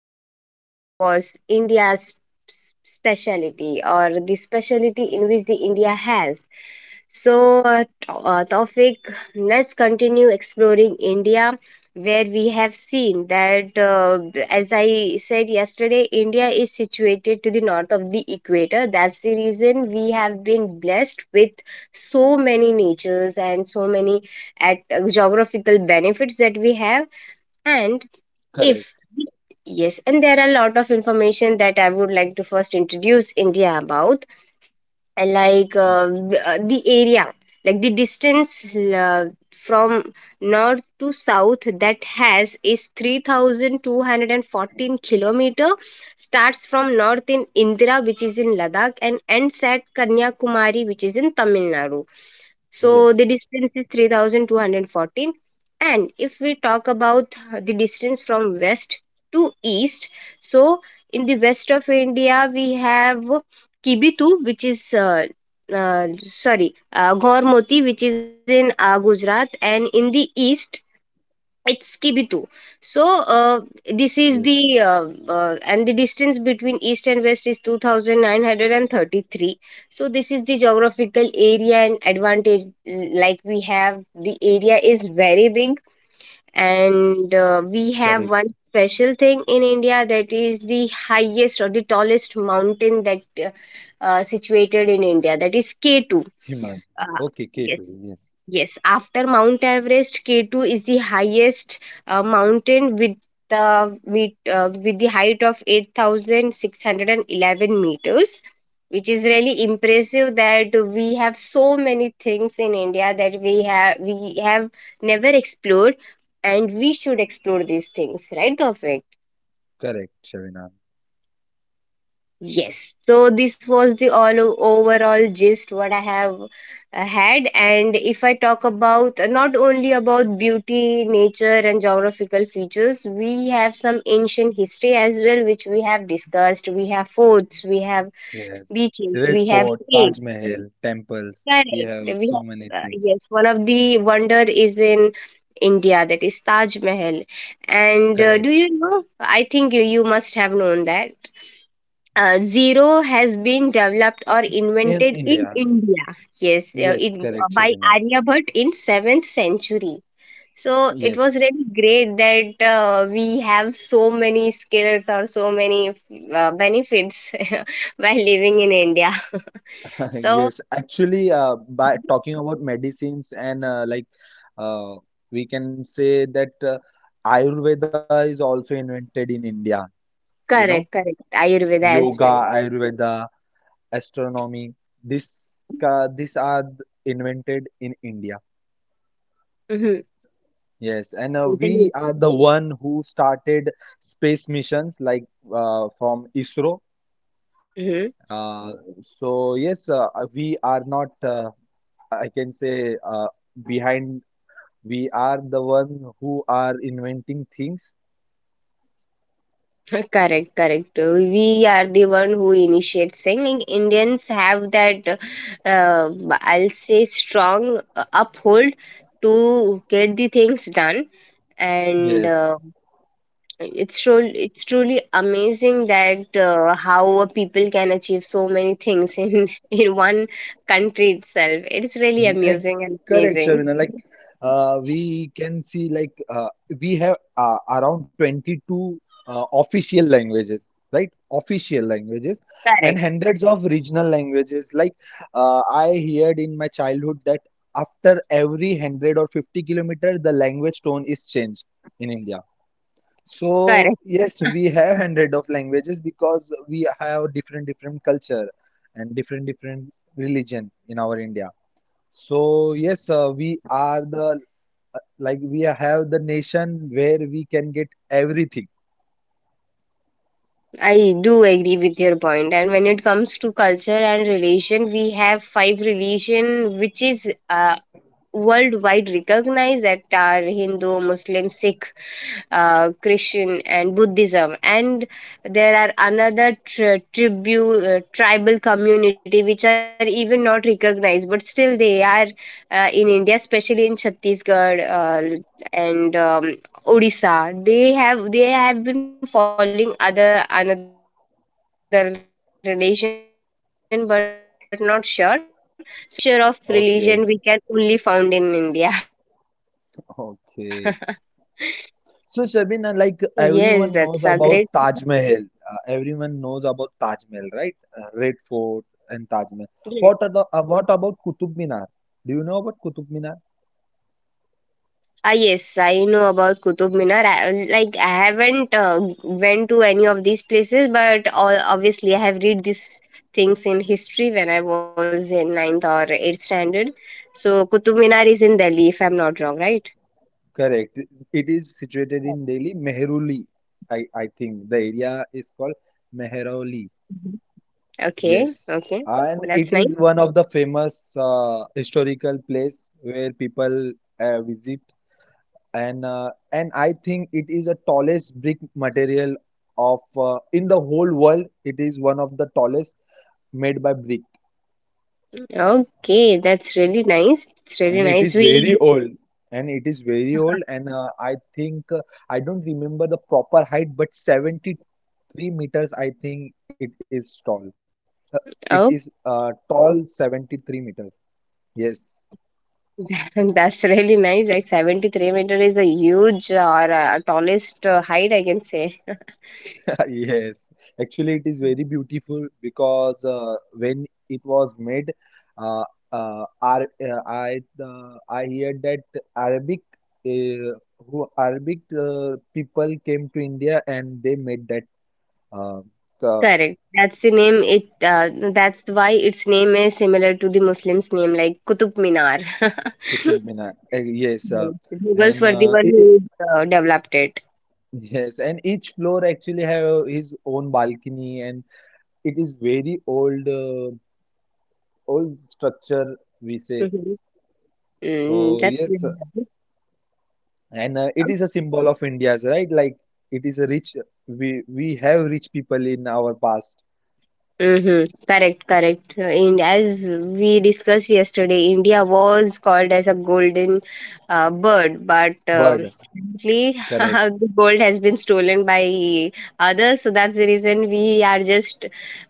the topic was speciality or the speciality in which the India has. So, Tofik, let's continue exploring India where we have seen that, as I said yesterday, India is situated to the north of the equator. That's the reason we have been blessed with so many natures and so many at geographical benefits that we have. And if Correct. yes, and there are a lot of information that I would like to first introduce India about like Y- the area, like the distance from north to south that has is 3214 kilometer, starts from north in Indira, which is in Ladakh, and ends at Kanyakumari, which is in Tamil Nadu. So the Yes. distance is 3214. And if we talk about the distance from west to east, so in the west of India, we have Kibitu, which is sorry, Gormoti, which is in Gujarat, and in the east, it's Kibitu. So this Yes. is the and the distance between east and west is 2933. So this is the geographical area and advantage, like we have the area is very big, and we Correct. have one special thing in India, that is the highest or the tallest mountain that situated in India, that is K2. Himan. Okay, uh, K2. yes. Yes. Yes, after Mount Everest, K2 is the highest mountain with with the height of 8611 meters, which is really impressive that we have so many things in India that we have never explored, and we should explore these things, right, Tawfiq? Correct, Shavinam. Yes. So this was the overall gist what I have had. And if I talk about not only about beauty, nature, and geographical features, we have some ancient history as well, which we have discussed. We have forts, we have Yes. beaches, we Red have Fort, caves. Taj Mahal, temples. We have Correct. We so many have things. yes, one of the wonder is in India, that is Taj Mahal, and Correct. do you know? I think you, you must have known that zero has been developed or In invented in India. India. Yes, Yes. Correct, by Shavinam. Aryabhatta in 7th century. So it was Yes. really great that we have so many skills or so many benefits while living in India. So Yes. Actually, by talking about medicines and uh, we can say that Ayurveda is also invented in India, you know? correct, correct. Ayurveda as Yoga, well. Ayurveda, astronomy. These are invented in India. Mm-hmm. Yes, and we Totally. are the one who started space missions like from ISRO. Mhm. Uh, so yes, we are not, I can say, behind. We are the one who are inventing things. Correct, correct. We are the one who initiate singing. Indians have that, uh, I'll say, strong uphold to get the things done, and Yes. It's truly amazing that how a people can achieve so many things in in one country itself. It's really Eh, amusing and Correct, amazing. Shabina. Like we can see, like we have around 22 official languages, right? Official languages and Correct, hundreds of regional languages. Like I heard in my childhood that after every 100 or 50 kilometer, the language tone is changed in India. So correct. yes, we have hundred of languages because we have different different culture and different different religion in our India. So yes, we are the like we have the nation where we can get everything. I do agree with your point. And when it comes to culture and relation, we have five relation which is worldwide recognized, that are Hindu, Muslim, Sikh, Christian and Buddhism, and there are another tri- tribu tribal community which are even not recognized, but still they are in India, especially in Chhattisgarh and Odisha. They have been following other another religion, but not sure, so they have not been recognized. But these five mixture of Okay, religion we can only found in India. okay. Yes, So that's a Shabina, great. like everyone knows about Taj Mahal. Everyone knows about Taj Mahal, right? Red Fort and Taj Mahal. What about Qutub Minar? Do you know about Qutub Minar? Ah, yes, I know about Qutub Minar. I, like I haven't went to any of these places, but all, obviously I have read these things in history when I was in ninth or eighth standard. So Qutub Minar is in Delhi, if I'm not wrong, right? Correct. It is situated in Delhi, Mehruli. I think the area is called Mehroli. Mhm. Okay, Yes, okay, and that's it nice. is one of the famous historical place where people visit, and I think it is the tallest brick material of in the whole world. It is one of the tallest made by brick, Okay, that's really nice. It's really and it nice. is very We old, And I don't remember the proper height, but 73 meters. I think it is tall. Uh, it oh, is uh, tall 73 meters. Yes. that's really nice. Like 73 meter is a huge or tallest height, I can say. Yes, actually, it is very beautiful because when it was made, uh, Ar I hear that Arabic uh, who Arabic people came to India and they made that uh, Ka- Correct, that's the name. It That's why its name is similar to the Muslims' name, like Qutub Minar. Qutub Minar. Yes, Yes, the Mughals and were the uh, one it, it- who developed it. yes, and each floor actually have his own balcony, and it is very old old structure we say. Hmm. Mm, So that's really yes, nice. and it is a symbol of India's right, like it is a rich, we have rich people in our past Mhm. Correct, correct. And as we discussed yesterday, India was called as a golden bird, but bird currently correct the gold has been stolen by others. So that's the reason we are just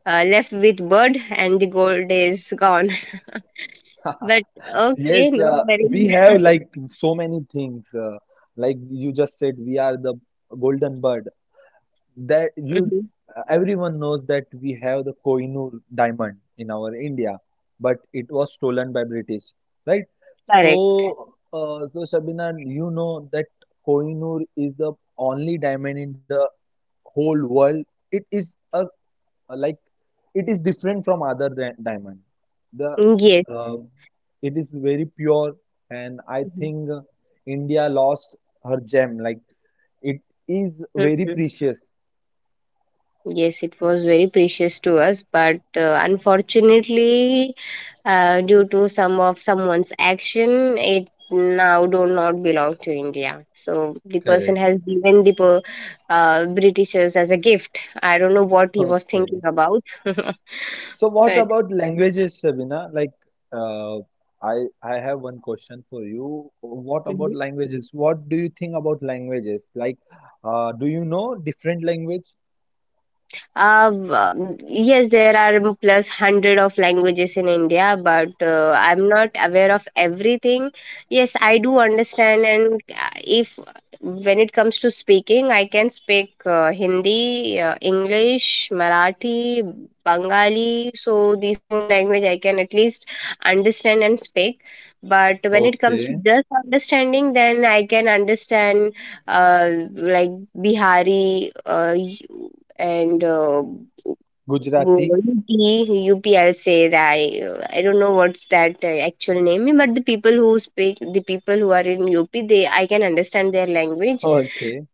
left with bird, and the gold is gone. But yes. okay, no worry. We have like so many things, like you just said, we are the golden bird that you Mhm. everyone knows, that we have the Kohinoor diamond in our India, but it was stolen by British, right? Correct. So, so Shabina, you know that Kohinoor is the only diamond in the whole world. It is a like it is different from other diamond. The Mm, yes. uh, it is very pure, and I Mhm. think India lost her gem. Like it is very Mhm. precious. Yes, it was very precious to us, but unfortunately, due to some of someone's action, it now do not belong to India. So the person has Correct. given the britishers as a gift. I don't know what he was thinking Okay. about. So what But about languages, Sabina? Like, uh, I have one question for you. What about Mhm. languages? What do you think about languages? Like, do you know different language? Yes, there are plus 100 of languages in India, but I'm not aware of everything. Yes, I do understand, and if when it comes to speaking, I can speak Hindi, English, Marathi, Bengali. So these four language I can at least understand and speak. But when it comes to Okay. just understanding, then I can understand like Bihari. And Gujarati. UP, I'll say that I don't know what's that actual name, but the people who are in UP, they I can understand their language. Okay.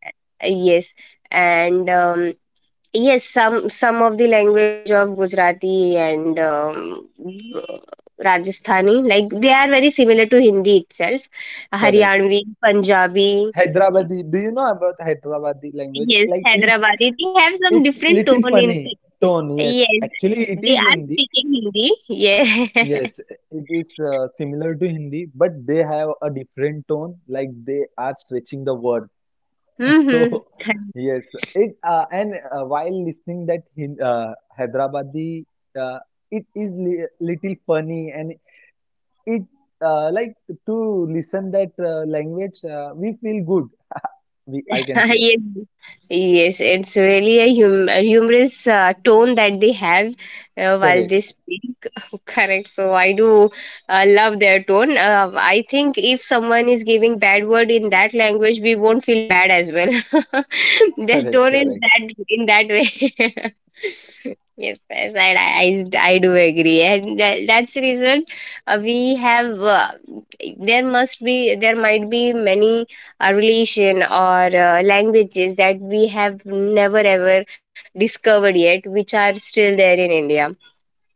Yes, and yes, some of the language of Gujarati and Rajasthani, like they are very similar to Hindi itself, Correct. Haryanvi, Punjabi. Hyderabadi. Do you know about Hyderabadi language? Yes, Like it, Hyderabadi. They have some it's different little tone in funny tone. Yes. yes, Actually, it they is are Hindi. speaking Hindi. Yeah. Yes, it is similar to Hindi, but they have a different tone, like they are stretching the words. Mm-hmm. So, yes, it and while listening that Hin Hyderabadi, uh, it is li little funny and it like to listen that language, we feel good. We I can say Yes, yes, it's really a, a humorous tone that they have while correct. they speak. Correct. So I do love their tone. I think if someone is giving bad word in that language, we won't feel bad as well. Their Correct, tone is correct, that in that way. Yes, yes, I do agree, and that's the reason we have. There must be, there might be many relation or languages that we have never ever discovered yet, which are still there in India.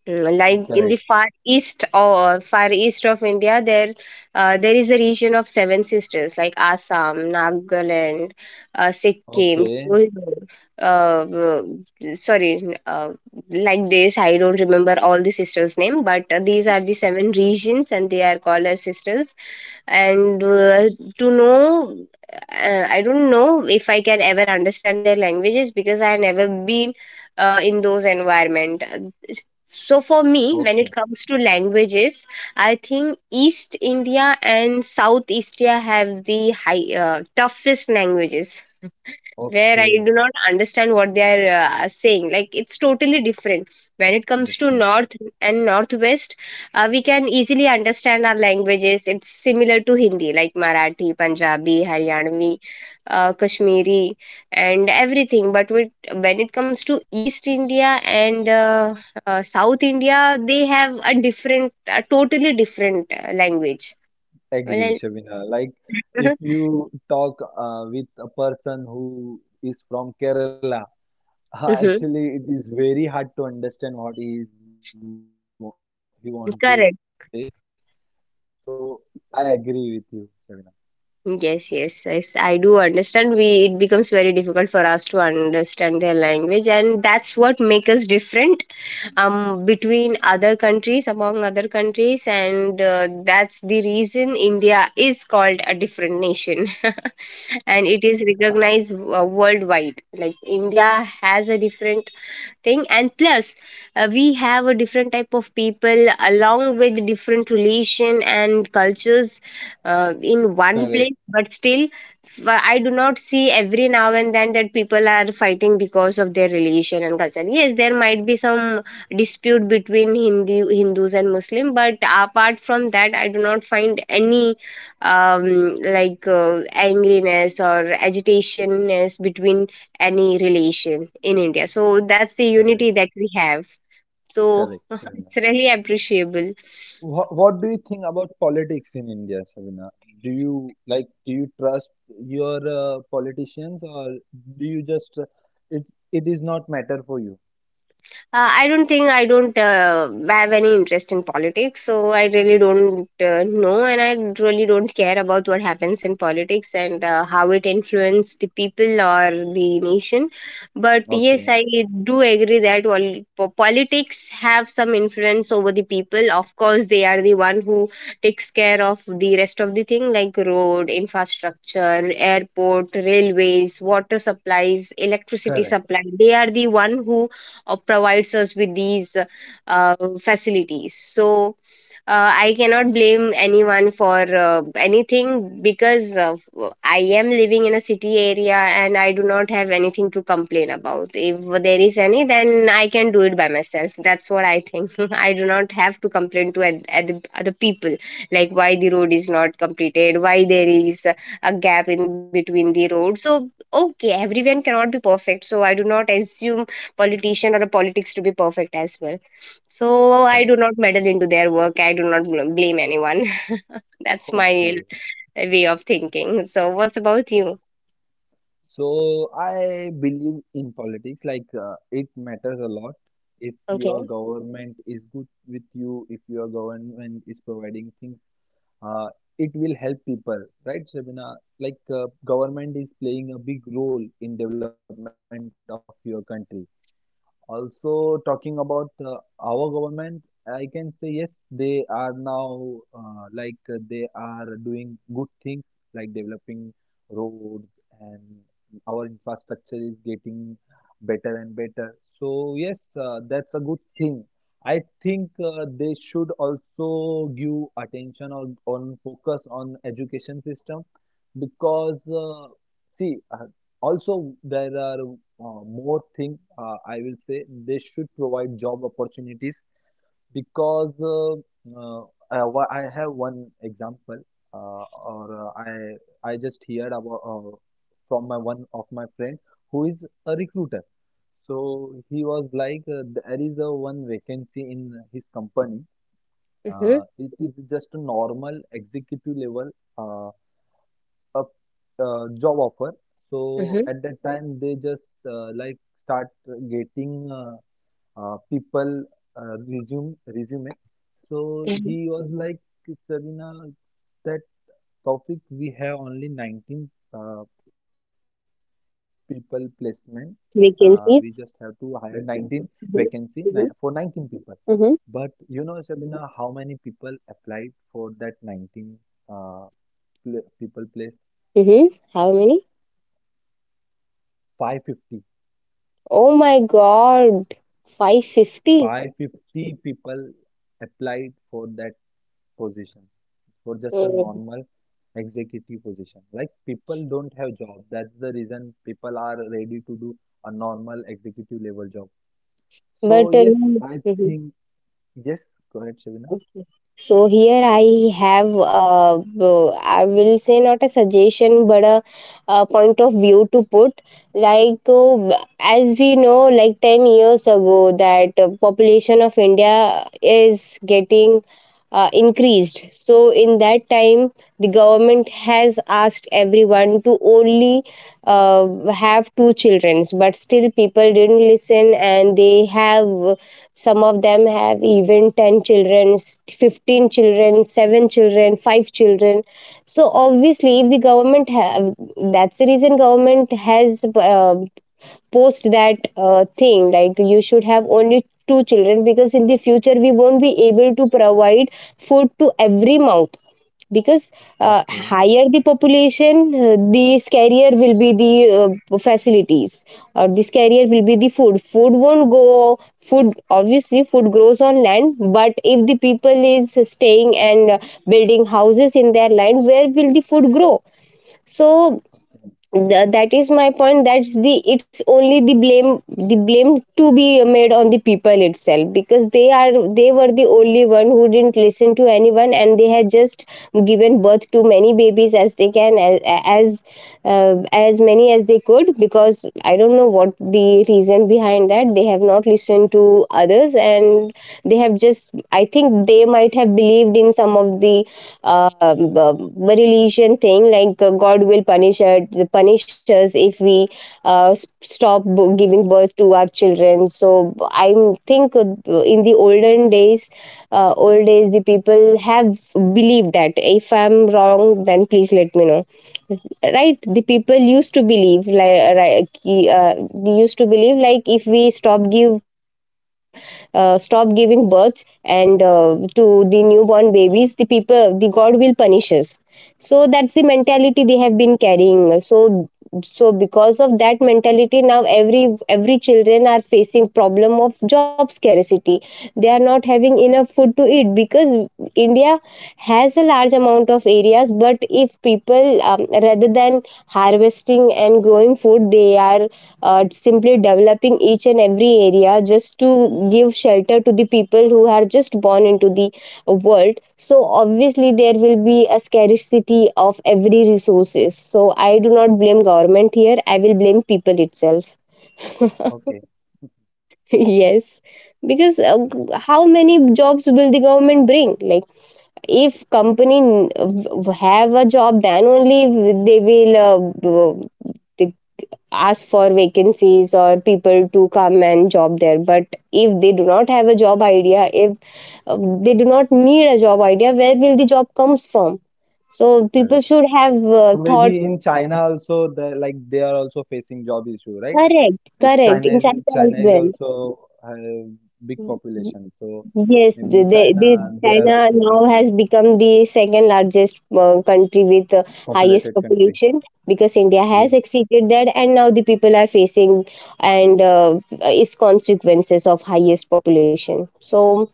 Mm, like in the correct. Far east of India, there there is a region of seven sisters, like Assam, Nagaland, Sikkim, Okay, Kohimaur, uh, uh, sorry, like this, I don't remember all the sisters name, but these are the seven regions and they are called as sisters. And to know I don't know if I can ever understand their languages because I have never been in those environment. So for me, when it okay, comes to languages, I think East India and South East India have the toughest languages where I okay, do not understand what they are saying. Like it's totally different. When it comes to different. North and Northwest, we can easily understand our languages. It's similar to Hindi, like Marathi, Punjabi, Haryanvi, Kashmiri, and everything. But when it comes to East India and South India, they have a totally different language. Well, Agree, I- Shabina. Like if you talk with a person who is from Kerala, Mhm. actually it is very hard to understand what he want to say. Correct. So I agree with you, Shabina. Yes, yes, yes, I do understand. We it becomes very difficult for us to understand their language, and that's what makes us different among other countries, and that's the reason India is called a different nation, and it is recognized worldwide. Like India has a different thing, and plus we have a different type of people along with different relation and cultures in one Correct, place. But still I do not see every now and then that people are fighting because of their relation and culture. Yes, there might be some dispute between hindi hindus and muslim, but apart from that, I do not find any um, like uh, angriness or agitationness between any relation in India. So that's the unity correct, that we have. So correct, Shabina. it's really appreciable. What do you think about politics in India, Shabina? Do you trust your politicians, or do you just it it is not matter for you? I don't have any interest in politics, so I really don't know, and I really don't care about what happens in politics and how it influences the people or the nation. But yes, Okay, I do agree that politics have some influence over the people. Of course, they are the one who takes care of the rest of the thing, like road infrastructure, airport, railways, water supplies, electricity correct, supply. They are the one who or provides us with these uh, facilities. So I cannot blame anyone for anything, because I am living in a city area, and I do not have anything to complain about. If there is any, then I can do it by myself. That's what I think. I do not have to complain to other people like why the road is not completed, why there is a gap in between the road. So okay, everyone cannot be perfect, so I do not assume politician or a politics to be perfect as well. So correct. I do not meddle into their work. I do not blame anyone. That's my Okay. way of thinking. So what's about you? So I believe in politics, like it matters a lot. If your Okay. government is good with you, if your government is providing things, uh, it will help people, right, Shabina? Like government is playing a big role in development of your country. Also, talking about our government, I can say yes, they are now they are doing good things, like developing roads, and our infrastructure is getting better and better. So, yes, that's a good thing. I think they should also give attention on, focus on education system because see also, there are more thing, I will say they should provide job opportunities because uh, I have one example, uh, or I just heard about from my one of my friend who is a recruiter. So he was like, there is a one vacancy in his company. Mm-hmm. It is just a normal executive level uh, a job offer. So Mm-hmm. at that time they just start getting uh, people resume, resume. So he Mm-hmm. was like, Sabina, that topic we have only 19 people placement, we just have to hire Vacancies. 19 vacancy for Mm-hmm. 19 Mm-hmm. people. But you Mm-hmm. know, Sabina, how many people applied for that 19 uh, pl people place? Mm-hmm. How many? 550. Oh my God. 550. 550 people applied for that position, for just a normal Mm. executive position. Like people don't have job, that's the reason people are ready to do a normal executive level job. So But yes, I mm-hmm. think, yes, go ahead, Shavina. Okay. So here I have, I will say not a suggestion, but a point of view to put. Like uh, as we know, like 10 years ago, that population of India is getting increased. So in that time, the government has asked everyone to only uh, have two children, but still people didn't listen, and they have, some of them have even 10 children, 15 children, 7 children, 5 children. So obviously, if the government have, that's the reason government has post that thing like you should have only two children, because in the future we won't be able to provide food to every mouth. Because Okay, higher the population, the scarier will be the facilities, or the scarier will be the food. Food won't go. Food obviously food grows on land, but if the people is staying and building houses in their land, where will the food grow? So okay, that is my point. That's the, it's only the blame, the blame to be made on the people itself, because they are, they were the only one who didn't listen to anyone, and they had just given birth to many babies as they can, as, as many as they could. Because I don't know what the reason behind that they have not listened to others, and they have just, I think they might have believed in some of the religion thing, like god will punish us if we giving birth to our children. So I think in the old days, the people have believed that, if I'm wrong then please let me know, right, the people used to believe like right, they used to believe like, if we stop give, stop giving birth and to the newborn babies, the people, the god will punish us. So that's the mentality they have been carrying. So, so because of that mentality, now every children are facing problem of job scarcity. They are not having enough food to eat, because India has a large amount of areas, but if people, rather than harvesting and growing food, they are simply developing each and every area just to give shelter to the people who are just born into the world. So obviously there will be a scarcity of every resources. So I do not blame government here, I will blame people itself. okay, Yes, because yes, how many jobs will the government bring? Like if company have a job, then only they will they ask for vacancies or people to come and job there. But if they do not have a job idea, if they do not need a job idea, where will the job comes from? So people correct. should have So maybe thought. in China also, they are also facing job issue, right? Correct, Like correct, in China as China is well. also a big population, so Yes, maybe in China the they are China also now facing has become the second largest country with the highest populated country. population, because India has Yes. exceeded that, and now the people are facing and its consequences of highest population. So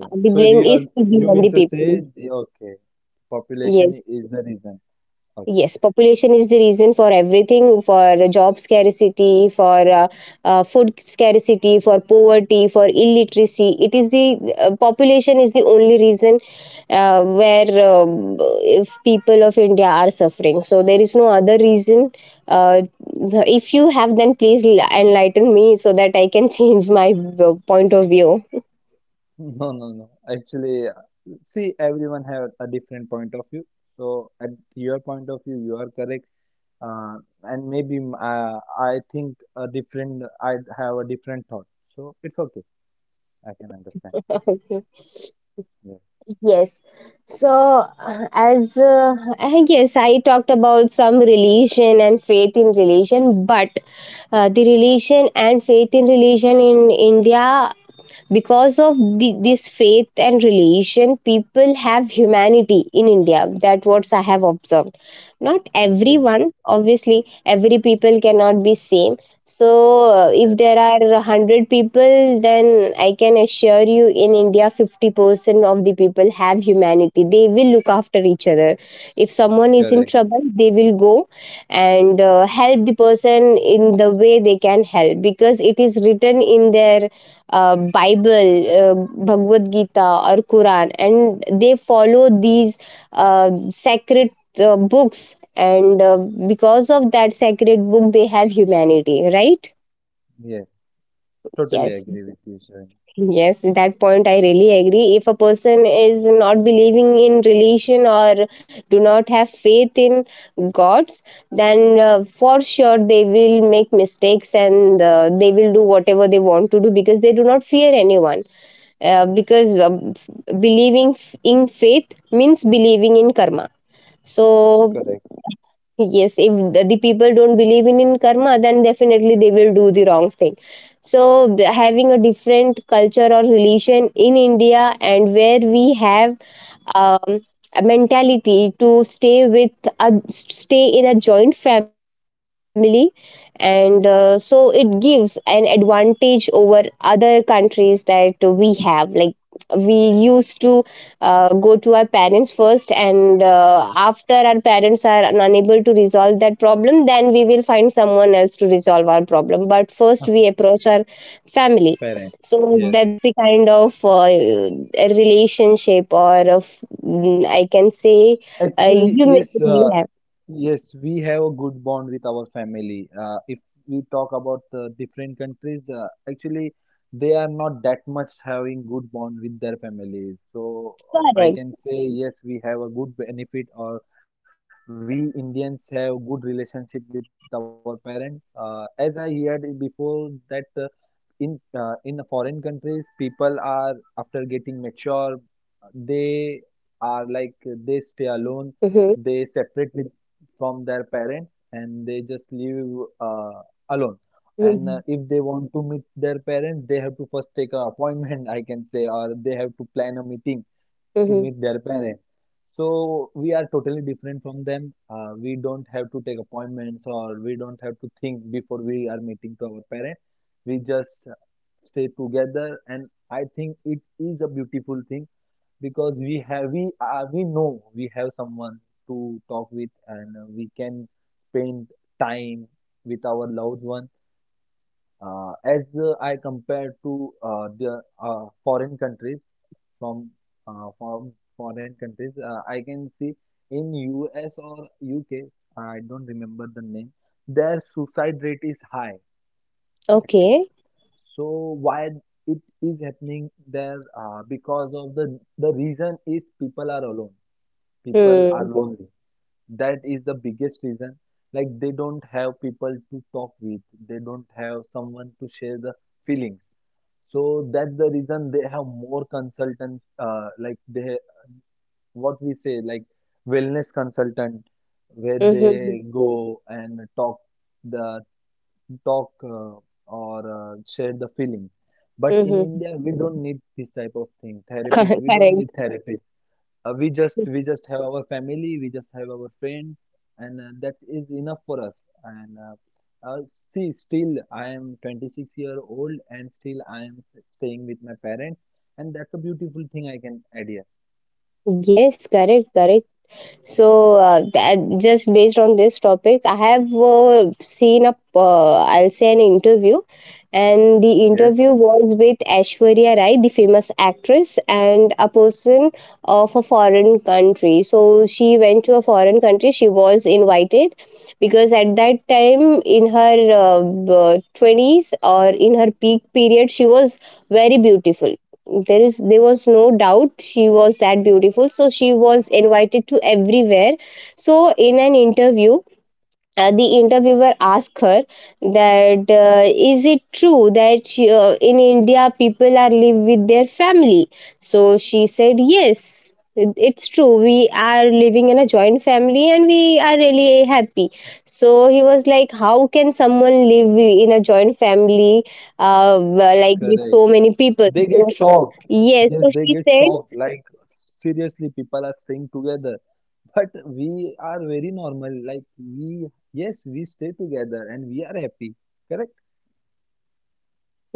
the So blame you are, is to be you on mean the to say, people. okay, population Yes. is the reason. Okay. Yes, population is the reason for everything, for job scarcity, for food scarcity, for poverty, for illiteracy. It is the population is the only reason where if people of India are suffering. So there is no other reason. Uh, if you have, then please enlighten me, so that I can change my point of view. No, no, no. Actually, see, everyone have a different point of view. So at your point of view, you are correct. Uh, I think a different, I have a different thought. So it's okay. I can understand. Okay. Yes. Yes. So, as I guess I talked about some religion and faith in religion, but the religion and faith in religion in India, because of the, this faith and religion, people have humanity in India. That what I have observed, not Okay, everyone obviously, every people cannot be same. So if yes, there are 100 people, then I can assure you, in India 50% of the people have humanity. They will look after each other. If someone is in correct. trouble, they will go and help the person in the way they can help, because it is written in their Bible, Bhagavad Gita, or Quran, and they follow these sacred books. And because of that sacred book, they have humanity, right? Yes, totally Yes, agree with you, Shivan. yes, that point I really agree. If a person is not believing in religion, or do not have faith in gods, then for sure they will make mistakes, and they will do whatever they want to do, because they do not fear anyone because believing in faith means believing in karma. So Correct. yes, if the people don't believe in karma, then definitely they will do the wrong thing. So, having a different culture or religion in India, and where we have um, a mentality to stay with, a stay in a joint family, and so it gives an advantage over other countries that we have. Like we used to go to our parents first, and after our parents are unable to resolve that problem, then we will find someone else to resolve our problem, but first we approach our family. Parents, So yes. that's the kind of a relationship, or of I can say Actually, human yes, that we have. yes, we have a good bond with our family. If we talk about different countries, actually, they are not that much having good bond with their families. So I Correct. can say yes, we have a good benefit, or we Indians have good relationship with our parents. As I heard before that. In the foreign countries, people are, after getting mature, they are like they stay alone, Mm-hmm. they separate with from their parents, and they just live alone. Mm-hmm. And if they want to meet their parents, they have to first take an appointment, I can say, or they have to plan a meeting to Mm-hmm. meet their parents. So we are totally different from them. We don't have to take appointments, or we don't have to think before we are meeting to our parents. We just stay together, and I think it is a beautiful thing, because we know we have someone to talk with, and we can spend time with our loved one, as I compare to the foreign countries. from from foreign countries, I can see in US or UK, I don't remember the name, their suicide rate is high actually. Okay. So why it is happening there? Because of the, reason is people are alone, people are Hmm. lonely. That is the biggest reason. Like they don't have people to talk with, they don't have someone to share the feelings, so that's the reason they have more consultants, what we say, like wellness consultant, where Mm-hmm. they go and talk the talk or share the feelings. But in Mm-hmm. India, we don't need this type of thing. Therapists, we don't Correct. need therapists. We just have our family, we just have our friends, and that is enough for us. And see, still I am 26-year-old, and still I am staying with my parents, and that's a beautiful thing I can add here. Yes, correct, correct. So that, just based on this topic, I have seen a I'll say an interview, and the Yes. interview was with Aishwarya Rai, the famous actress, and a person of a foreign country. So she went to a foreign country. She was invited because at that time in her 20s, or in her peak period, she was very beautiful. There is, there was no doubt, she was that beautiful. So she was invited to everywhere. So in an interview, the interviewer asked her that is it true that in India people are live with their family? So she said yes, it's true, we are living in a joint family and we are really happy. So he was like, how can someone live in a joint family, uh, Correct. like with so many They get people? So shocked. Yes, they yes, so get she shocked. said, Like seriously, people are staying together. But we are very normal. Yes, we stay together and we are happy. Correct?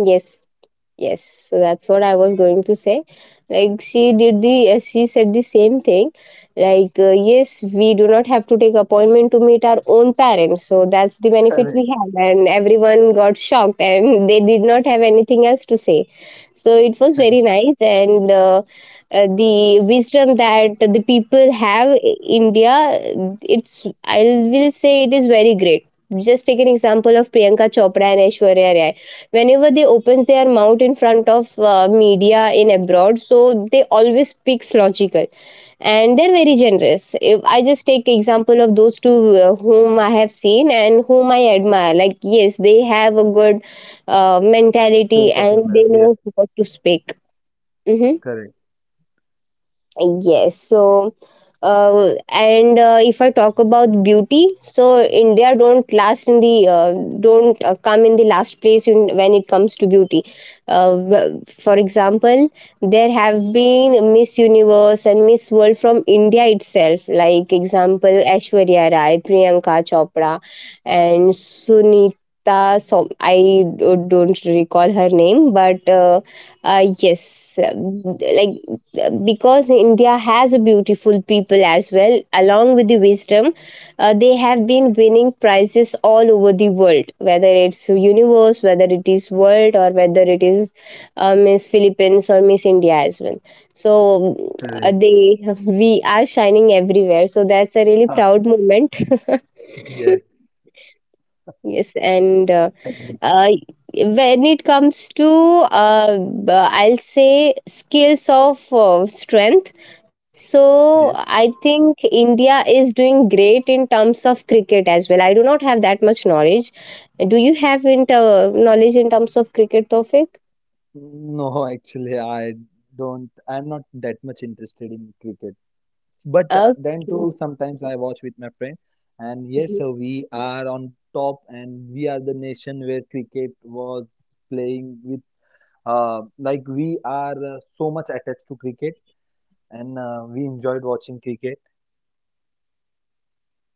yes, yes. So that's what I was going to say. Like she did the, she said the same thing. Yes, we do not have to take appointment to meet our own parents. So that's the benefit we Correct. have. And everyone got shocked, and they did not have anything else to say. So it was very nice, and the wisdom that the people have in India, it's I will say it is very great. Just take an example of Priyanka Chopra and Aishwarya Rai. Whenever they opens their mouth in front of media in abroad, so they always speaks logical, and they're very generous. If I just take example of those two, whom I have seen and whom I admire, like yes, they have a good mentality Sense of and humor. they know Yes, what to speak. Hmm. correct. Yes. So, and if I talk about beauty, so India don't last in the don't come in the last place in, when it comes to beauty. For example, there have been Miss Universe and Miss World from India itself. Like example, Aishwarya Rai, Priyanka Chopra, and Sunita. So I don't recall her name, but yes, like because India has a beautiful people as well, along with the wisdom, they have been winning prizes all over the world, whether it's universe, whether it is world, or whether it is Miss Philippines or Miss India as well. So Correct. they we are shining everywhere. So that's a really Ah, proud moment. yes. Yes, and. Agree. uh, when it comes to, I'll say skills of strength. So I Yes. think India is doing great in terms of cricket as well. I do not have that much knowledge. Do you have inter knowledge in terms of cricket, Tofik? No, actually, I don't. I'm not that much interested in cricket. But then Okay. too, sometimes I watch with my friend. And yes, Mhm. We are on top, and we are the nation where cricket was playing with. Like we are so much attached to cricket, and we enjoyed watching cricket.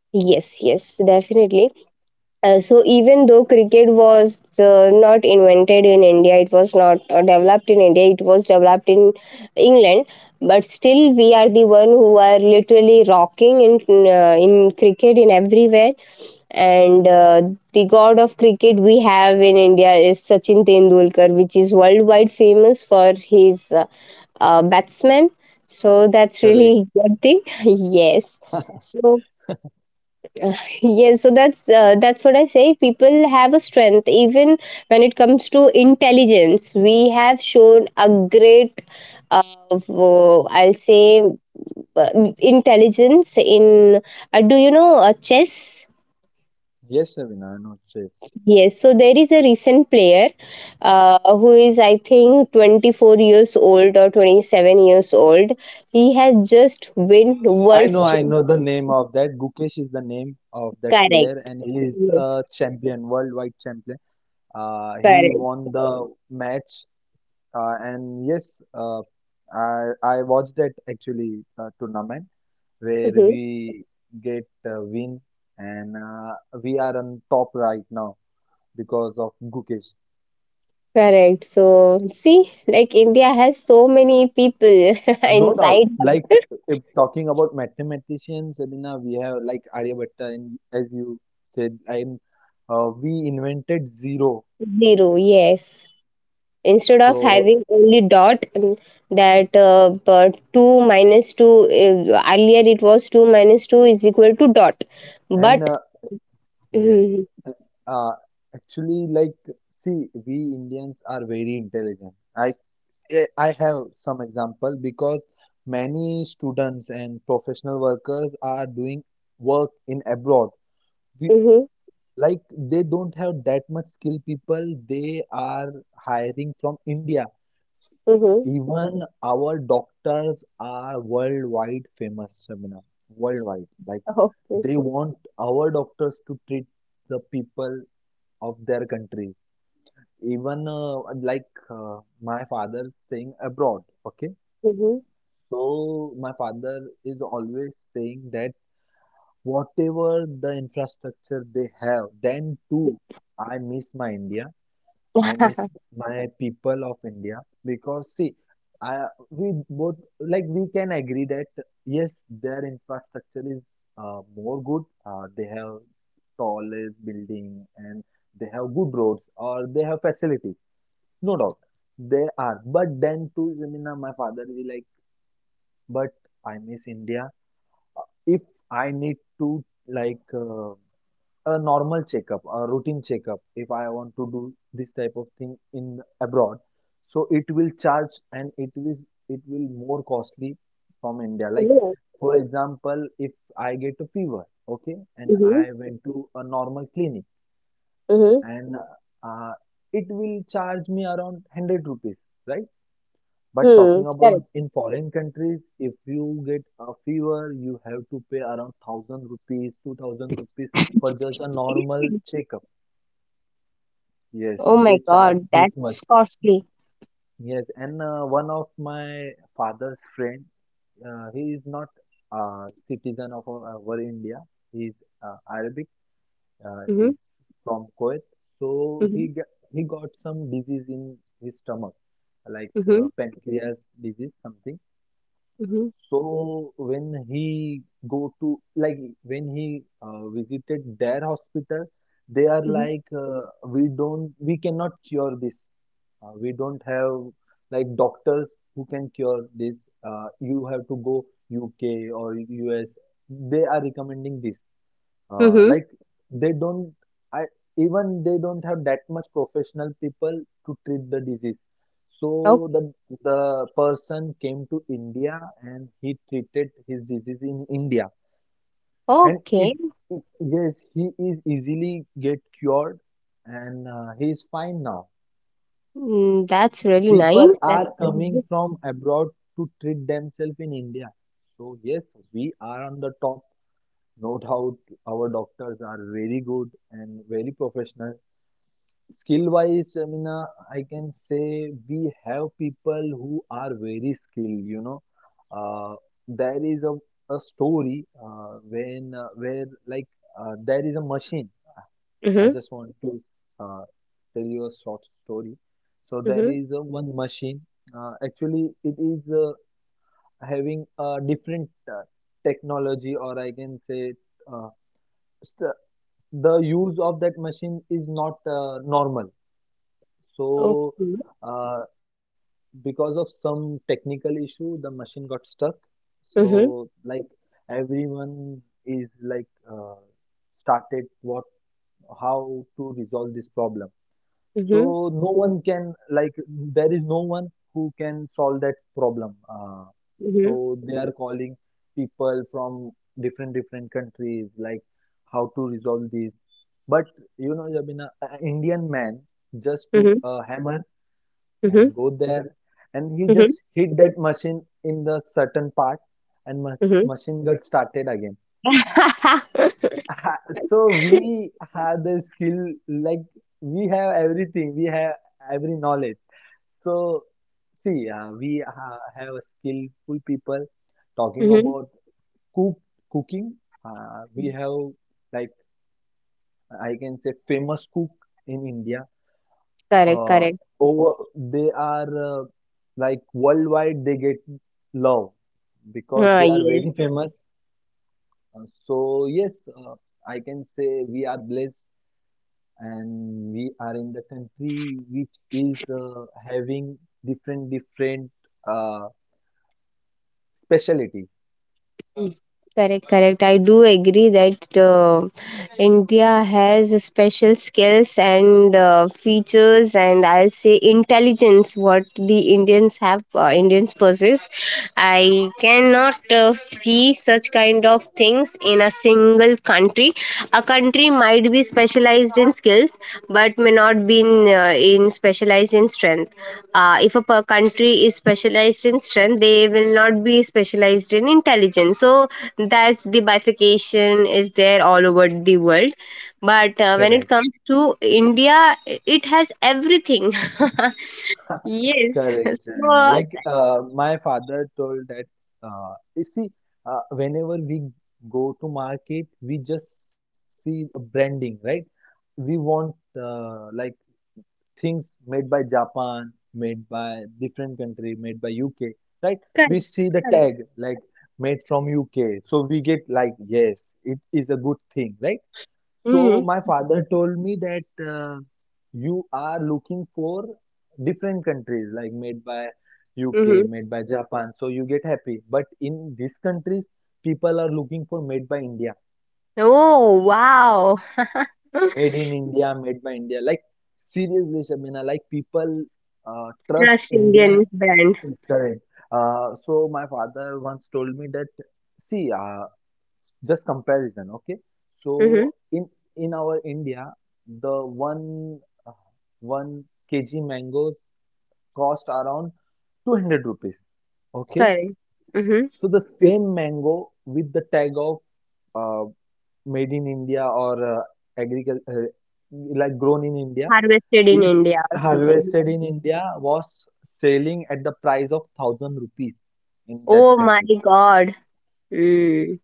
Yes, yes, definitely. So even though cricket was not invented in India, it was not developed in India. It was developed in England, but still we are the one who are literally rocking in cricket in everywhere. And the god of cricket we have in India is Sachin Tendulkar, which is worldwide famous for his batsman. So that's Correct. really good thing. Yes. So. Yes, so that's what I say, people have a strength. Even when it comes to intelligence, we have shown a great, I'll say uh, intelligence in do you know, chess? Yes, Avina, I know. Yes, so there is a recent player who is, I think, 24 years old or 27 years old. He has just win I know, world's Ch-. I know the name of that. Gukesh is the name of that Correct. player, and he is Yes, a champion, worldwide champion. He correct. won the match, and yes, I watched that actually tournament where Mm-hmm. we get win, and we are on top right now because of Gukesh. Correct. So, see, like India has so many people. No doubt. Inside. Like if talking about mathematicians, Sabina, we have like Aryabhatta, and as you said, and we invented zero. Zero. Yes. Instead of So having only dot and that, but 2 minus 2, earlier it was 2 minus 2 is equal to dot. and But, mm-hmm, yes, uh, actually, like see, we Indians are very intelligent. I have some example because many students and professional workers are doing work in abroad. We mm-hmm, Like they don't have that much skilled people. They are hiring from India. mm-hmm, Even our doctors are worldwide famous, Shamina. Worldwide. Like okay, they want our doctors to treat the people of their country. Even like my father staying abroad. Okay. mm-hmm, So my father is always saying that whatever the infrastructure they have, then too I miss my India. I miss my people of India because see, I we both like we can agree that yes, their infrastructure is more good. They have tallest building and they have good roads or they have facilities. No doubt, they are. But then too, I mean, my father will like, but I miss India. If I need to like. Uh, a normal checkup, a routine checkup, if I want to do this type of thing in abroad, so it will charge and it will more costly from India. Like mm-hmm, for example, if I get a fever, okay, and mm-hmm, I went to a normal clinic mm-hmm, and uh, it will charge me around 100 rupees, right? But hmm, talking correct. about in foreign countries, if you get a fever, you have to pay around 1000 rupees, 2000 rupees for just a normal Seriously? checkup. Yes, Oh my they charge God, this much. that's costly. Yes, and one of my father's friend, he is not a citizen of our India. He is Arabic. Uh, Mm-hmm, he's from Kuwait. So mm-hmm, he get, he got some disease in his stomach, like mm-hmm, pancreas disease, something. mm-hmm, So when he visited their hospital, they are like we cannot cure this. We don't have like doctors who can cure this. You have to go UK or US. They are recommending this mm-hmm, like they don't I even they don't have that much professional people to treat the disease, so mm. The person came to India and he treated his disease in India. And it, Okay. it yes, he is easily get cured, and he is fine now. Mm, that's really People nice. That's are really coming nice. from abroad to treat themselves in India. So yes, we are on the top, no doubt. Our doctors are very good and very professional. Skill wise, Amina, I can say we have people who are very skilled, you know. Uh, there is a story when where like there is a machine. I Mhm, just want to uh, tell you a short story. So there mhm. is a one machine. Actually, it is having a different technology, or I can say uh, st- the use of that machine is not normal. So, Okay. uh, because of some technical issue, the machine got stuck. So, Mhm, like everyone is like started what how to resolve this problem. mhm, So no one can like there is no one who can solve that problem. So mhm, they are calling people from different different countries like how to resolve this. But you know, Jabina, an Indian man just took mhm, a hammer mhm, and go there and he mhm, just hit that machine in the certain part, and ma mhm. machine got started again. So, so we have the skill. Like we have everything, we have every knowledge. So see, we have a skillful people. Talking Mhm. about cook cooking, we Mhm. have, like, I can say famous cook in India. Correct, Uh, correct. over they are like worldwide they get love because Ah, they are yes. very famous. So yes, uh, I can say we are blessed, and we are in the country which is having different different uh, speciality. Correct, correct. I do agree that, India has special skills and features, and I'll say intelligence. What the Indians have, Indians possess. I cannot see such kind of things in a single country. A country might be specialized in skills, but may not be in, specialized in strength. If a per country is specialized in strength, they will not be specialized in intelligence. So that's the bifurcation is there all over the world. But when it Correct. comes to India, I- it has everything. Yes. Correct, So, Jaina. Like my father told that you see, whenever we go to market, we just see a branding, right? We want like things made by Japan, made by different country, made by UK, right? We correct. see the Correct. tag like made from UK, so we get like yes, it is a good thing, right? So Hmm. my father told me that you are looking for different countries like made by UK, Hmm. made by Japan. So you get happy. But in these countries, people are looking for made by India, Oh wow! made in India, made by India. Like seriously, Shabina, like people trust Trust India. Indian brand. Correct. So my father once told me that, see, just comparison, okay, Hmm. so in our India, the one uh, one kg mango cost around 200 rupees, okay. Correct. Hmm. So the same mango with the tag of uh, made in India, or agriculture like grown in India, Harvested in is India or something. harvested in India, was selling at the price of 1000 rupees in that Oh my country. God. Mm.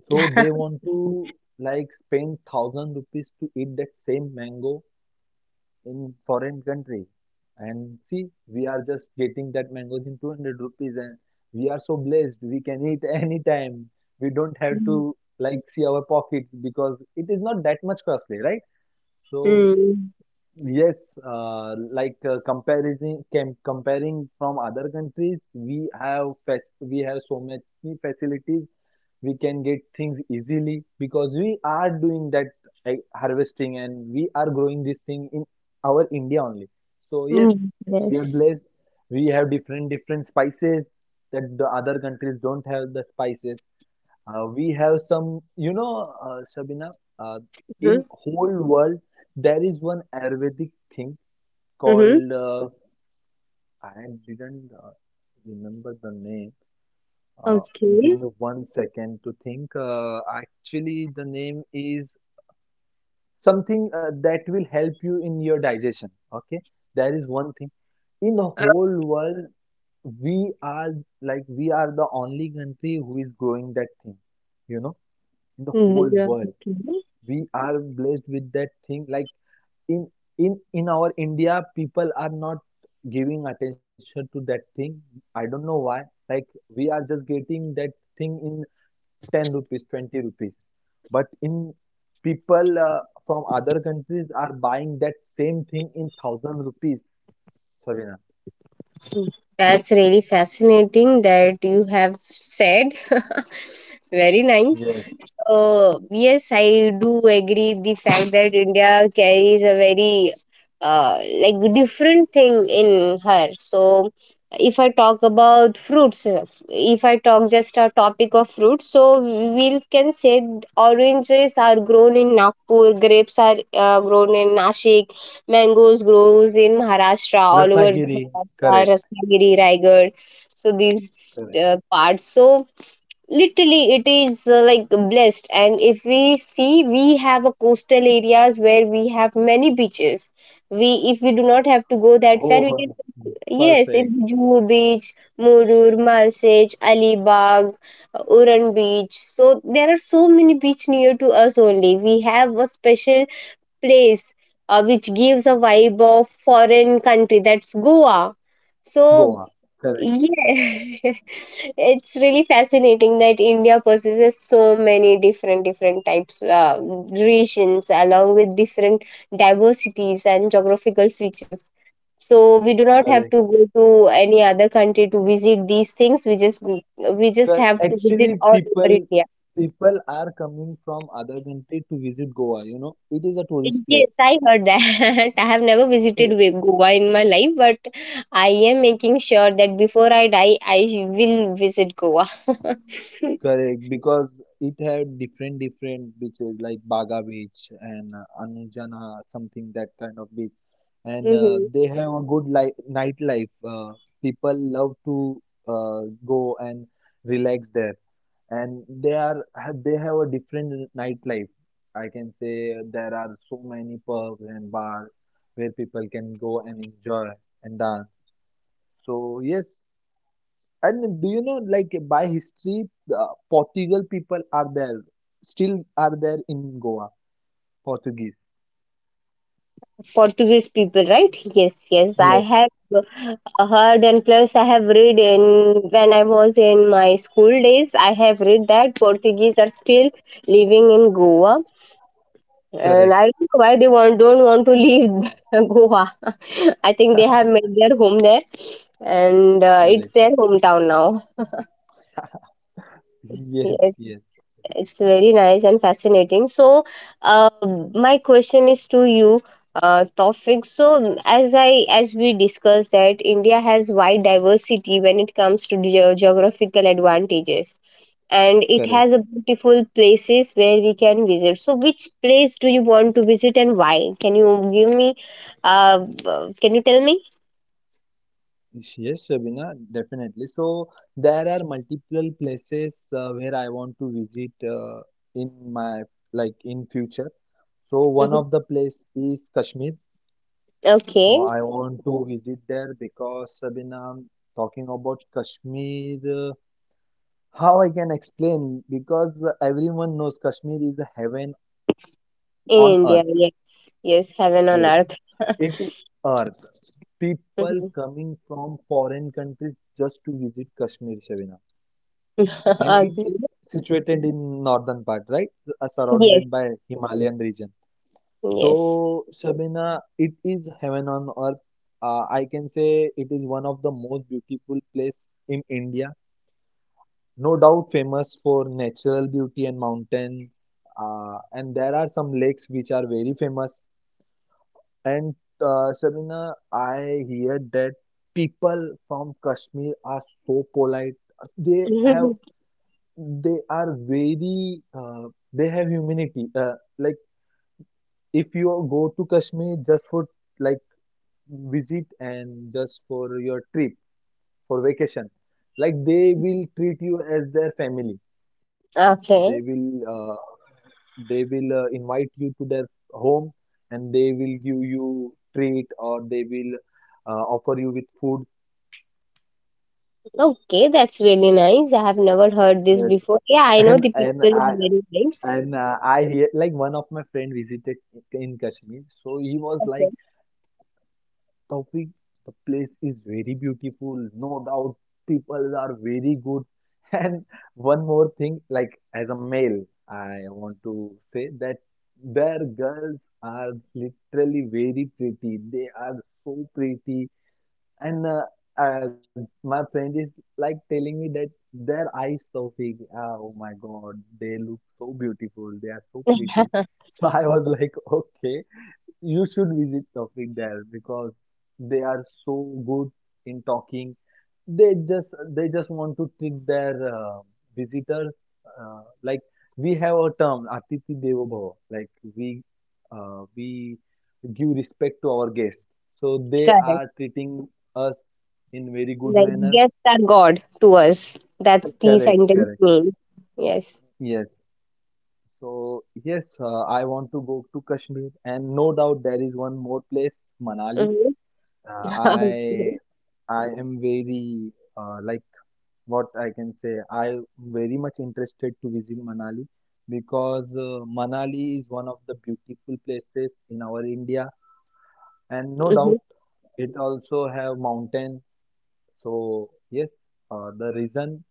So they want to like spend 1000 rupees to eat that same mango in foreign country. And see, we are just getting that mangoes in 200 rupees and we are so blessed. We can eat anytime. We don't have Mm. to like see our pockets because it is not that much costly, right? So Mm. yes, like comparison, com comparing from other countries, we have fac we have so much facilities. We can get things easily because we are doing that harvesting and we are growing this thing in our India only. So yes, Mm. we are Yes. blessed. We have different different spices that the other countries don't have the spices. We have some, you know, Sabina, uh, Mm-hmm. in whole world there is one Ayurvedic thing Mm-hmm. called I didn't remember the name. Uh, give Okay. me 1 second to think. Actually, the name is something that will help you in your digestion. Okay, there is one thing in the Uh, whole world, we are we are the only country who is growing that thing. You know, in the mm, whole yeah, world okay. we are blessed with that thing. Like in in our India, people are not giving attention to that thing. I don't know why. Like we are just getting that thing in 10 rupees, 20 rupees, but in people from other countries are buying that same thing in 1000 rupees, Sabina. That's really fascinating that you have said. Very nice. Yes. So, yes, I do agree the fact that India carries a very, like different thing in her. So, if I talk about fruits, if I talk just a topic of fruits, so we can say oranges are grown in Nagpur, grapes are grown in Nashik, mangoes grows in Maharashtra, all over Ratnagiri. Correct, Maharashtra, Ratnagiri, Raigad. So these correct. Parts. So literally, it is like blessed. And if we see, we have a coastal areas where we have many beaches. We, if we do not have to go that far, we can, Oh, yes, in perfect. Juhu Beach, Murur, Malsej, Alibag, Uran Beach. So there are so many beach near to us only. We have a special place which gives a vibe of foreign country. That's Goa. So Goa. Correct, yeah. It's really fascinating that India possesses so many different different types, regions along with different diversities and geographical features. So we do not have correct. to go to any other country to visit these things. We just Cause have to visit actually, all over India. people are coming from other country to visit Goa. You know, it is a tourist Yes, place. I heard that. I have never visited Ve- Goa in my life, but I am making sure that before I die, I will visit Goa. Correct, because it had different different beaches like Baga Beach and Anujana, something that kind of beach, and Mhm. they have a good life nightlife. People love to uh, go and relax there. And they have a different nightlife. I can say there are so many pubs and bars where people can go and enjoy and dance. So yes, and do you know like by history, the Portugal people are there, still are there in Goa, Portuguese. Portuguese people, right? Yes, yes. I Yes, have heard, and plus, I have read in, when I was in my school days, I have read that Portuguese are still living in Goa. And correct, I don't know why they want, don't want to leave Goa. I think they have made their home there, and it's correct. their hometown now. Yes. Yes, yes, It's very nice and fascinating. So, uh, my question is to you, Tawfiq. So, as I, as we discussed that India has wide diversity when it comes to ge- geographical advantages, and it correct. has a beautiful places where we can visit. So, which place do you want to visit and why? Can you give me? Can you tell me? Yes, Shabina, definitely. So there are multiple places where I want to visit in my in future. So one Mhm. of the place is Kashmir. So Okay, I want to visit there because, Sabina, talking about Kashmir, how I can explain? Because everyone knows Kashmir is a heaven in on India. earth. Yes, yes, heaven on Yes, earth. it is earth. People coming from foreign countries just to visit Kashmir, Sabina. And it Okay. is situated in northern part, right? Yes, Surrounded by Himalayan region. yes. So, Shabina, it is heaven on earth. I can say it is one of the most beautiful place in India. No doubt famous for natural beauty and mountain. And there are some lakes which are very famous. And Shabina, I hear that people from Kashmir are so polite. They have Mhm. they are very they have humanity. Uh, like if you go to Kashmir just for like visit and just for your trip for vacation, like they will treat you as their family. they will Okay. uh, they will invite you to their home and they will give you treat, or they will offer you with food. Okay, that's really nice. I have never heard this Yes. before. Yeah, I know and the and people are I very nice. and I hear like one of my friend visited in Kashmir, so he was Okay. like, Taufik, the place is very beautiful, no doubt. People are very good. And one more thing, like as a male, I want to say that their girls are literally very pretty. They are so pretty. And uh, my friend is like telling me that their eyes, so big. Oh my God, they look so beautiful. They are so pretty. Uh-huh. So I was like, okay. You should visit Tofik there because they are so good in talking. They just want to trick their visitors. Like we have a term, Atithi Devo Bhava. Like we we give respect to our guests. So they Correct. are treating us in very good Like manner. guests are God to us. That's the Correct, sentence correct. mean. Yes. Yes. So yes, I want to go to Kashmir, and no doubt there is one more place, Manali. Mm-hmm. Uh, I I am very uh, like what I can say. I very much interested to visit Manali because Manali is one of the beautiful places in our India, and no Mm-hmm. doubt it also have mountain. So yes, the reason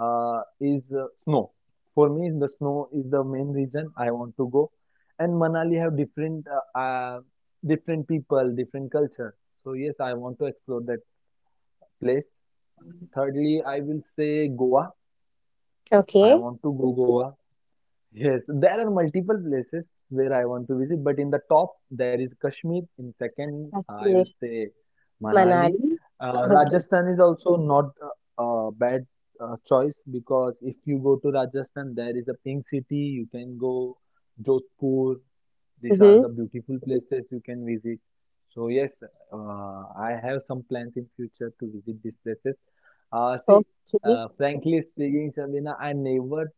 is snow. For me, the snow is the main reason I want to go. And Manali have different different people, different culture. So yes, I want to explore that place. Thirdly, I will say Goa. I Okay. want to go Goa. Yes, there are multiple places where I want to visit, but in the top there is Kashmir. In second, I will Kashmir, say Manali. Manali. Okay. Rajasthan is also not a bad choice because if you go to Rajasthan, there is a pink city. You can go Jodhpur. These are Mm-hmm. the beautiful places you can visit. So yes, I have some plans in future to visit these places. Uh, see, Okay. uh, frankly speaking, Shabina, I never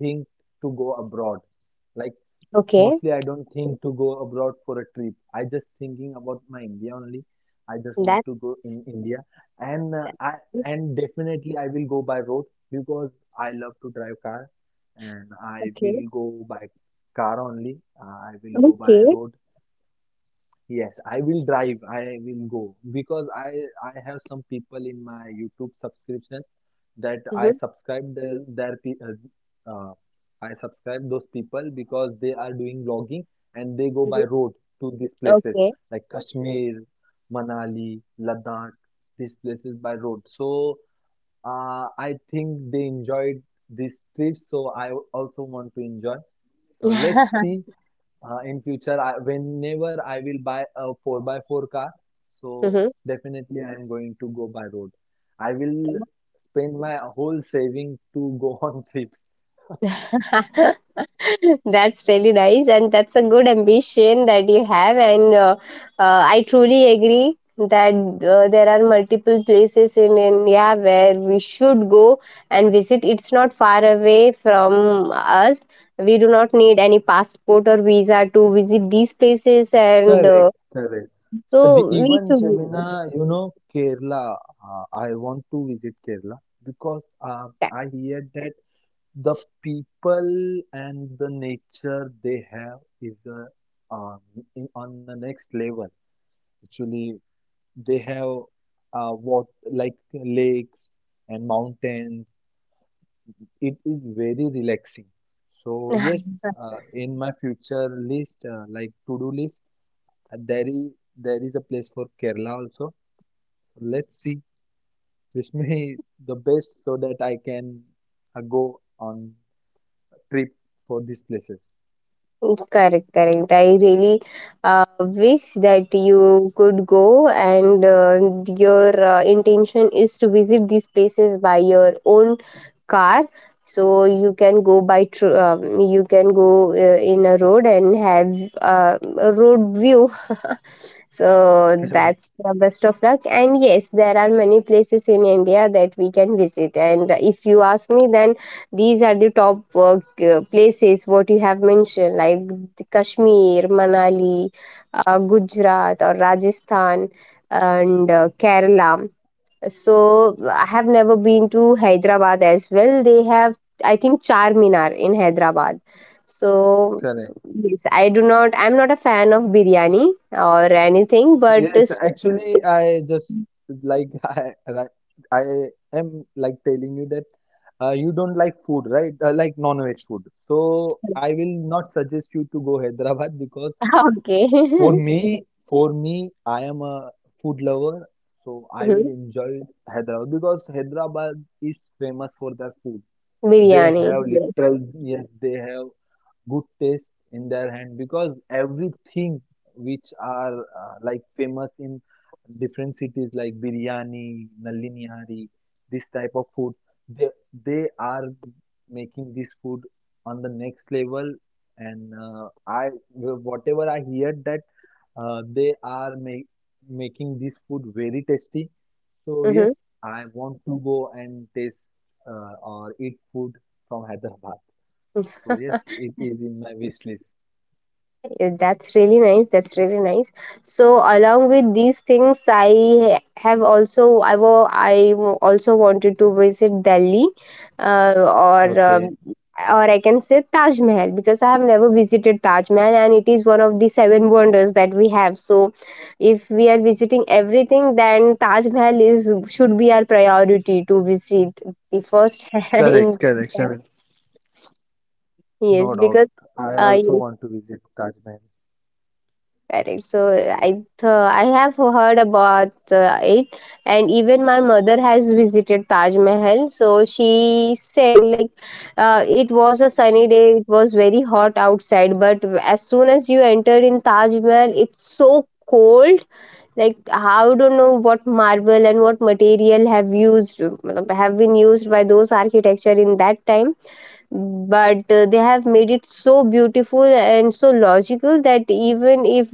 think to go abroad. Like Okay. mostly I don't think to go abroad for a trip. I just thinking about my India only. I just want That's to go in India and that. I and definitely I will go by road because I love to drive car and I Okay. will go by car only. I will go Okay. by road. Yes, I will drive. I will go because I have some people in my YouTube subscription that I Mm-hmm. subscribe I subscribe those people because they are doing vlogging and they go Mm-hmm. by road to these places Okay. like Kashmir, Manali, Ladakh, these places by road. So I think they enjoyed this trip, so I also want to enjoy. So let's see in future. I, whenever I will buy a 4 by 4 car, so Mm-hmm. definitely I am going to go by road. I will spend my whole saving to go on trips. That's really nice, and that's a good ambition that you have. And, I truly agree that there are multiple places in India where we should go and visit. It's not far away from us. We do not need any passport or visa to visit these places. And, Correct, correct. So we Even should do Shabina, you know, Kerala. I want to visit Kerala because that. I hear that the people and the nature they have is in, on the next level. Actually, they have what like lakes and mountains. It is very relaxing. So yes, in my future list, like to-do list, there is a place for Kerala also. So, let's see, wish me the best so that I can go on trip for these places. Correct, correct. I really wish that you could go, and your intention is to visit these places by your own car. So you can go by tr- you can go in a road and have a road view. So Correct, that's the best of luck. And yes, there are many places in India that we can visit. And if you ask me, then these are the top places what you have mentioned, like Kashmir, Manali, Gujarat, or Rajasthan, and Kerala. So I have never been to Hyderabad as well. They have, I think, Charminar in Hyderabad. So correct. yes, I do not. I'm not a fan of biryani or anything, but Yes, s-. actually, I just like I like I am like telling you that you don't like food, right? Like non-veg food. So I will not suggest you to go Hyderabad because Okay. For me, I am a food lover, so I will Mhm. enjoy Hyderabad because Hyderabad is famous for their food. They Biryani. have Yes. literal, yes, they have good taste in their hand because everything which are like famous in different cities like biryani, nalinihari, this type of food, they they are making this food on the next level. And I whatever I hear that uh, they are make, making this food very tasty. So yes, I want to go and taste or eat food from Hyderabad. Hmm. So yes, it is in my wish list. Yeah, that's really nice. That's really nice. So along with these things, I have also, I wa- I also wanted to visit Delhi, uh, or um, Okay, or I can say Taj Mahal, because I have never visited Taj Mahal and it is one of the seven wonders that we have. So if we are visiting everything, then Taj Mahal is should be our priority to visit the first. correct, In, correct, Shamil. No yes, doubt. because. I Uh, also want to visit Taj Mahal. Correct. So I, th, I have heard about it, and even my mother has visited Taj Mahal. So she said like, it was a sunny day. It was very hot outside, but as soon as you entered in Taj Mahal, it's so cold. Like how, don't know what marble and what material have used मतलब, have been used by those architecture in that time, but they have made it so beautiful and so logical that even if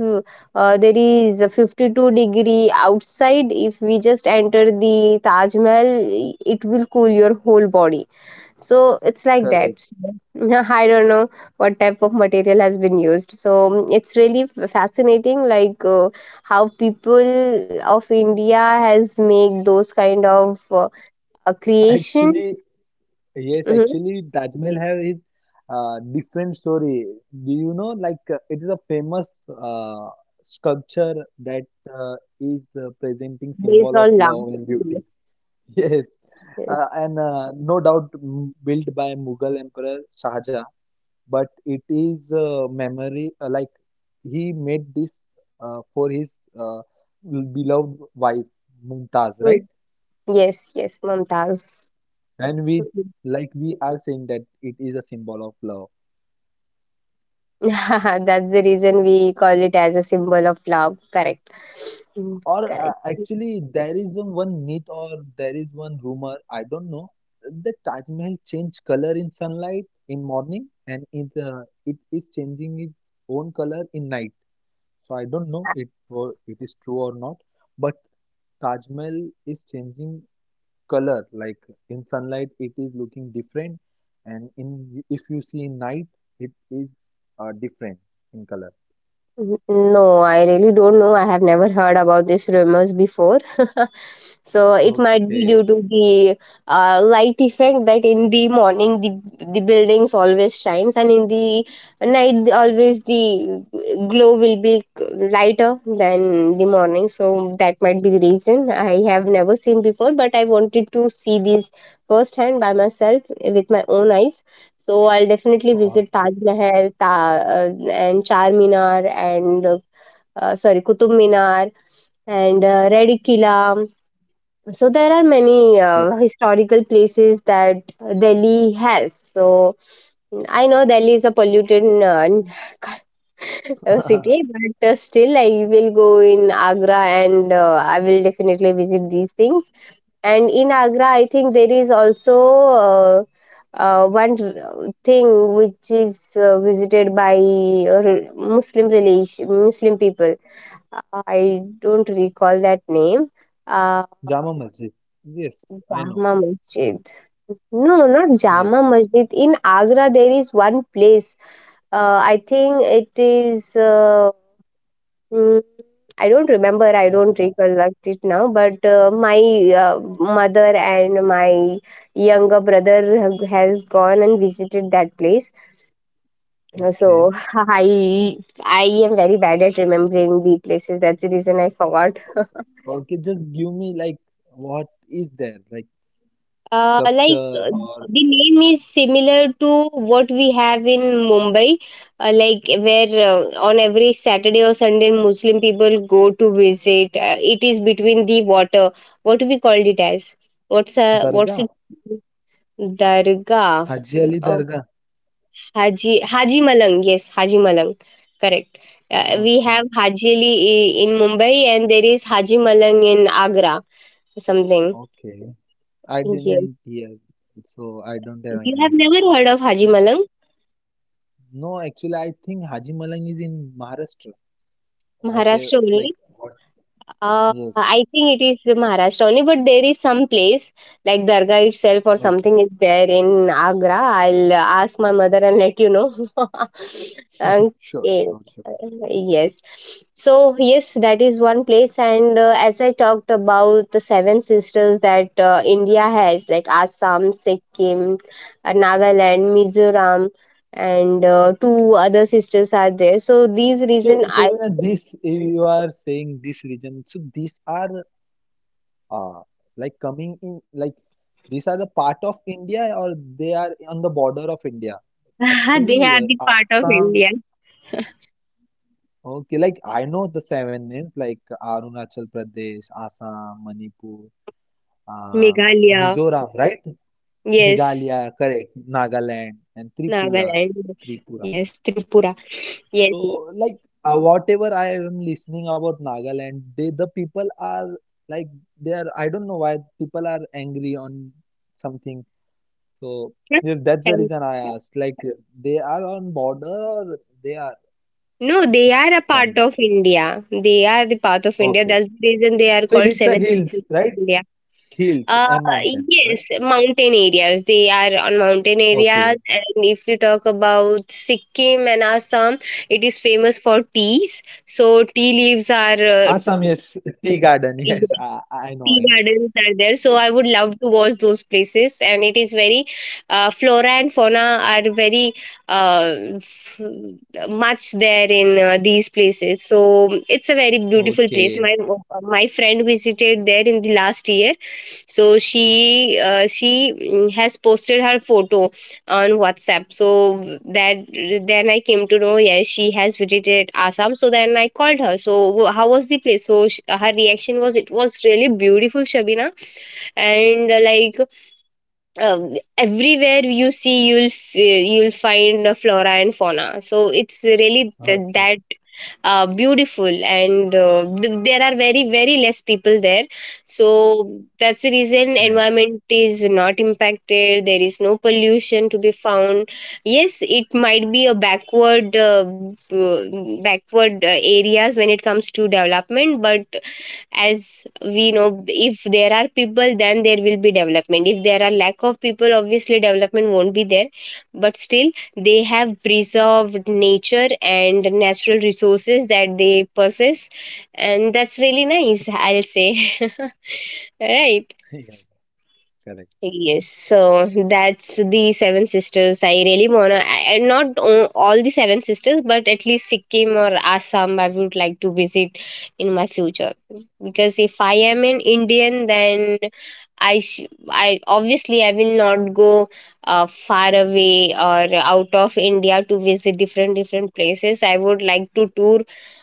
there is a 52-degree outside, if we just enter the Taj Mahal, it will cool your whole body. So it's like that. Correct. So, I don't know what type of material has been used. So it's really f- fascinating, like, how people of India has made those kind of a creation. Actually, yes, Mhm, actually, Taj Mahal have his different story. Do you know, like, it is a famous sculpture that is presenting based symbol of on love, love and beauty. yes, Yes, uh, yes. and uh, no doubt built by Mughal Emperor Shah Jahan. But it is memory like he made this for his beloved wife Mumtaz, Mm. right? Yes, yes, Mumtaz. And we Mm. like we are saying that it is a symbol of love. That's the reason we call it as a symbol of love. Correct. Mm, Or correct. actually, there is one myth or there is one rumor, I don't know, the Taj Mahal changed color in sunlight in morning and it is changing its own color in night. So I don't know it is true or not, but Taj Mahal is changing color like in sunlight it is looking different and in if you see in night it is different in color. N- No, I really don't know. I have never heard about these rumors before. So it might be Okay. due to the light effect, that in the morning the buildings always shines and in the night always the glow will be lighter than the morning. So that might be the reason. I have never seen before, but I wanted to see these firsthand by myself with my own eyes. So I'll definitely visit Okay. Taj Mahal, Ta-, and Charminar, and sorry, Qutub Minar, and Red Killa. So there are many Correct. historical places that Delhi has. So I know Delhi is a polluted a city, but still I will go in Agra and I will definitely visit these things. And in Agra, I think there is also uh, one r- thing which is visited by Muslim relation Muslim people. I don't recall that name. Uh, Jama Masjid. Yes, I know. Jama Masjid. No, not Yes. Jama Masjid. In Agra, there is one place. I think it is. Mm, I don't remember, I don't Agra. recollect it now, but my mother and my younger brother has gone and visited that place. So Okay, I I am very bad at remembering the places. That's the reason I forgot. so okay, just give me like what is there, like Uh, like sculpture uh, or the name is similar to what we have in Mumbai, like where on every Saturday or Sunday Muslim people go to visit. It is between the water. What we called it as? What's, what's it? dargah? Dargah. Haji Uh, Ali Dargah. Haji Malang. Yes, Haji Malang. Correct. We have Okay. Haji Ali I- in Mumbai, and there is Haji Malang in Agra. Something. Okay, I Yes. didn't hear, so I don't have You any have never heard of Haji idea. Malang? No, actually, I think Haji Malang is in Maharashtra. What a, Maharashtra only. like, what? I Yes. think it is Maharashtra only, but there is some place like Dargah itself or Okay. something is there in Agra. I'll ask my mother and let you know. Sure, sure, Okay. sure. Yes. So, yes, that is one place. And as I talked about the seven sisters that India has, like Assam, Sikkim, Nagaland, Mizoram, and two other sisters are there. So, these So, reason so I, when this you are saying this region, so these are uh, like coming in, like these are the part of India or they are on the border of India? they are Actually, the part of Assam. India. Okay, like I know the seven names like Arunachal Pradesh, Assam, Manipur, uh, Meghalaya, Mizoram, right? yes. Meghalaya, correct, Nagaland and Tripura, Nagaland, Tripura. yes. Tripura, yes. So like whatever I am listening about Nagaland, they the people are like they are. I don't know why people are angry on something. So yes, that's the And reason I asked. Like they are on border or they are no, they are a part from. of India. They are the part of India. Okay. That's the reason they are So called it's a seven sisters hills, of right? India. Hills Uh, and mountains, right? yes, mountain areas. They are on mountain areas. Okay. And if you talk about Sikkim and Assam, it is famous for teas. So tea leaves are Assam, yes. Tea garden, yes. I tea know, I know. gardens are there. So I Yeah. would love to watch those places. And it is very, flora and fauna are very much there in these places. So it's a very beautiful place. Okay. My friend visited there in the last year. So she, she, mm, has posted her photo on WhatsApp. So that, then I came to know, yes, she has visited Assam. So then I called her. So how was the place? So sh- her reaction was, it was really beautiful, Shabina. And uh, everywhere you see, you'll f- you'll find a flora and fauna. So it's really th- Okay. that, beautiful. And there are very very less people there. So that's the reason Nice. environment is not impacted. There is no pollution to be found. Yes, it might be a backward, backward areas when it comes to development. But as we know, if there are people then there will be development. If there are lack of people, obviously development won't be there. But still they have preserved nature and natural resources that they possess. And that's really nice, I'll say. Right. Yes, correct, Yes, so that's the Seven Sisters. I really wanna, not all the Seven Sisters, but at least Sikkim or Assam, I would like to visit in my future. Because if I am an Indian, then I, sh- I obviously I will not go far away or out of India to visit different different places. I would like to tour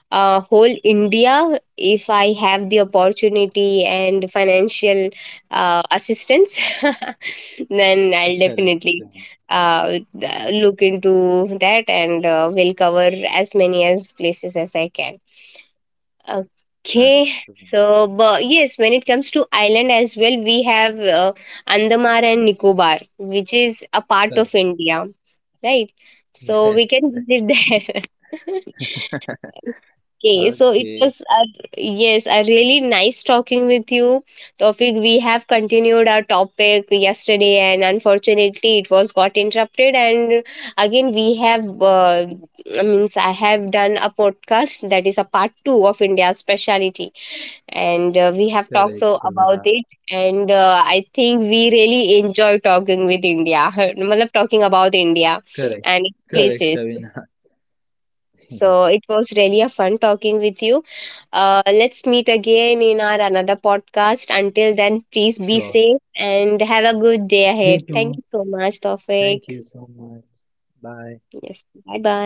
whole India if I have the opportunity and financial assistance. Then I'll correct, definitely Shivana, look into that and will cover as many as places as I can. Okay, correct, Shivana, so but yes, when it comes to island as well, we have Andamar and Nicobar, which is a part of correct. India, right? So we can Yes, visit that's it. there. Okay, so it was Okay, a, yes, a really nice talking with you, Tofik. We have continued our topic yesterday, and unfortunately, it was got interrupted. And again, we have, I means, I have done a podcast that is a part two of India's speciality, and we have talked correct, about Shivana, it. And I think we really enjoy talking with India, मतलब talking about India correct, and correct, places. Shivana. So Yes, it was really a fun talking with you. Let's meet again in our another podcast. Until then, please be sure. safe and have a good day You ahead. Thank too. you so much, Thank Tofik. you so much. Bye. Yes, bye bye.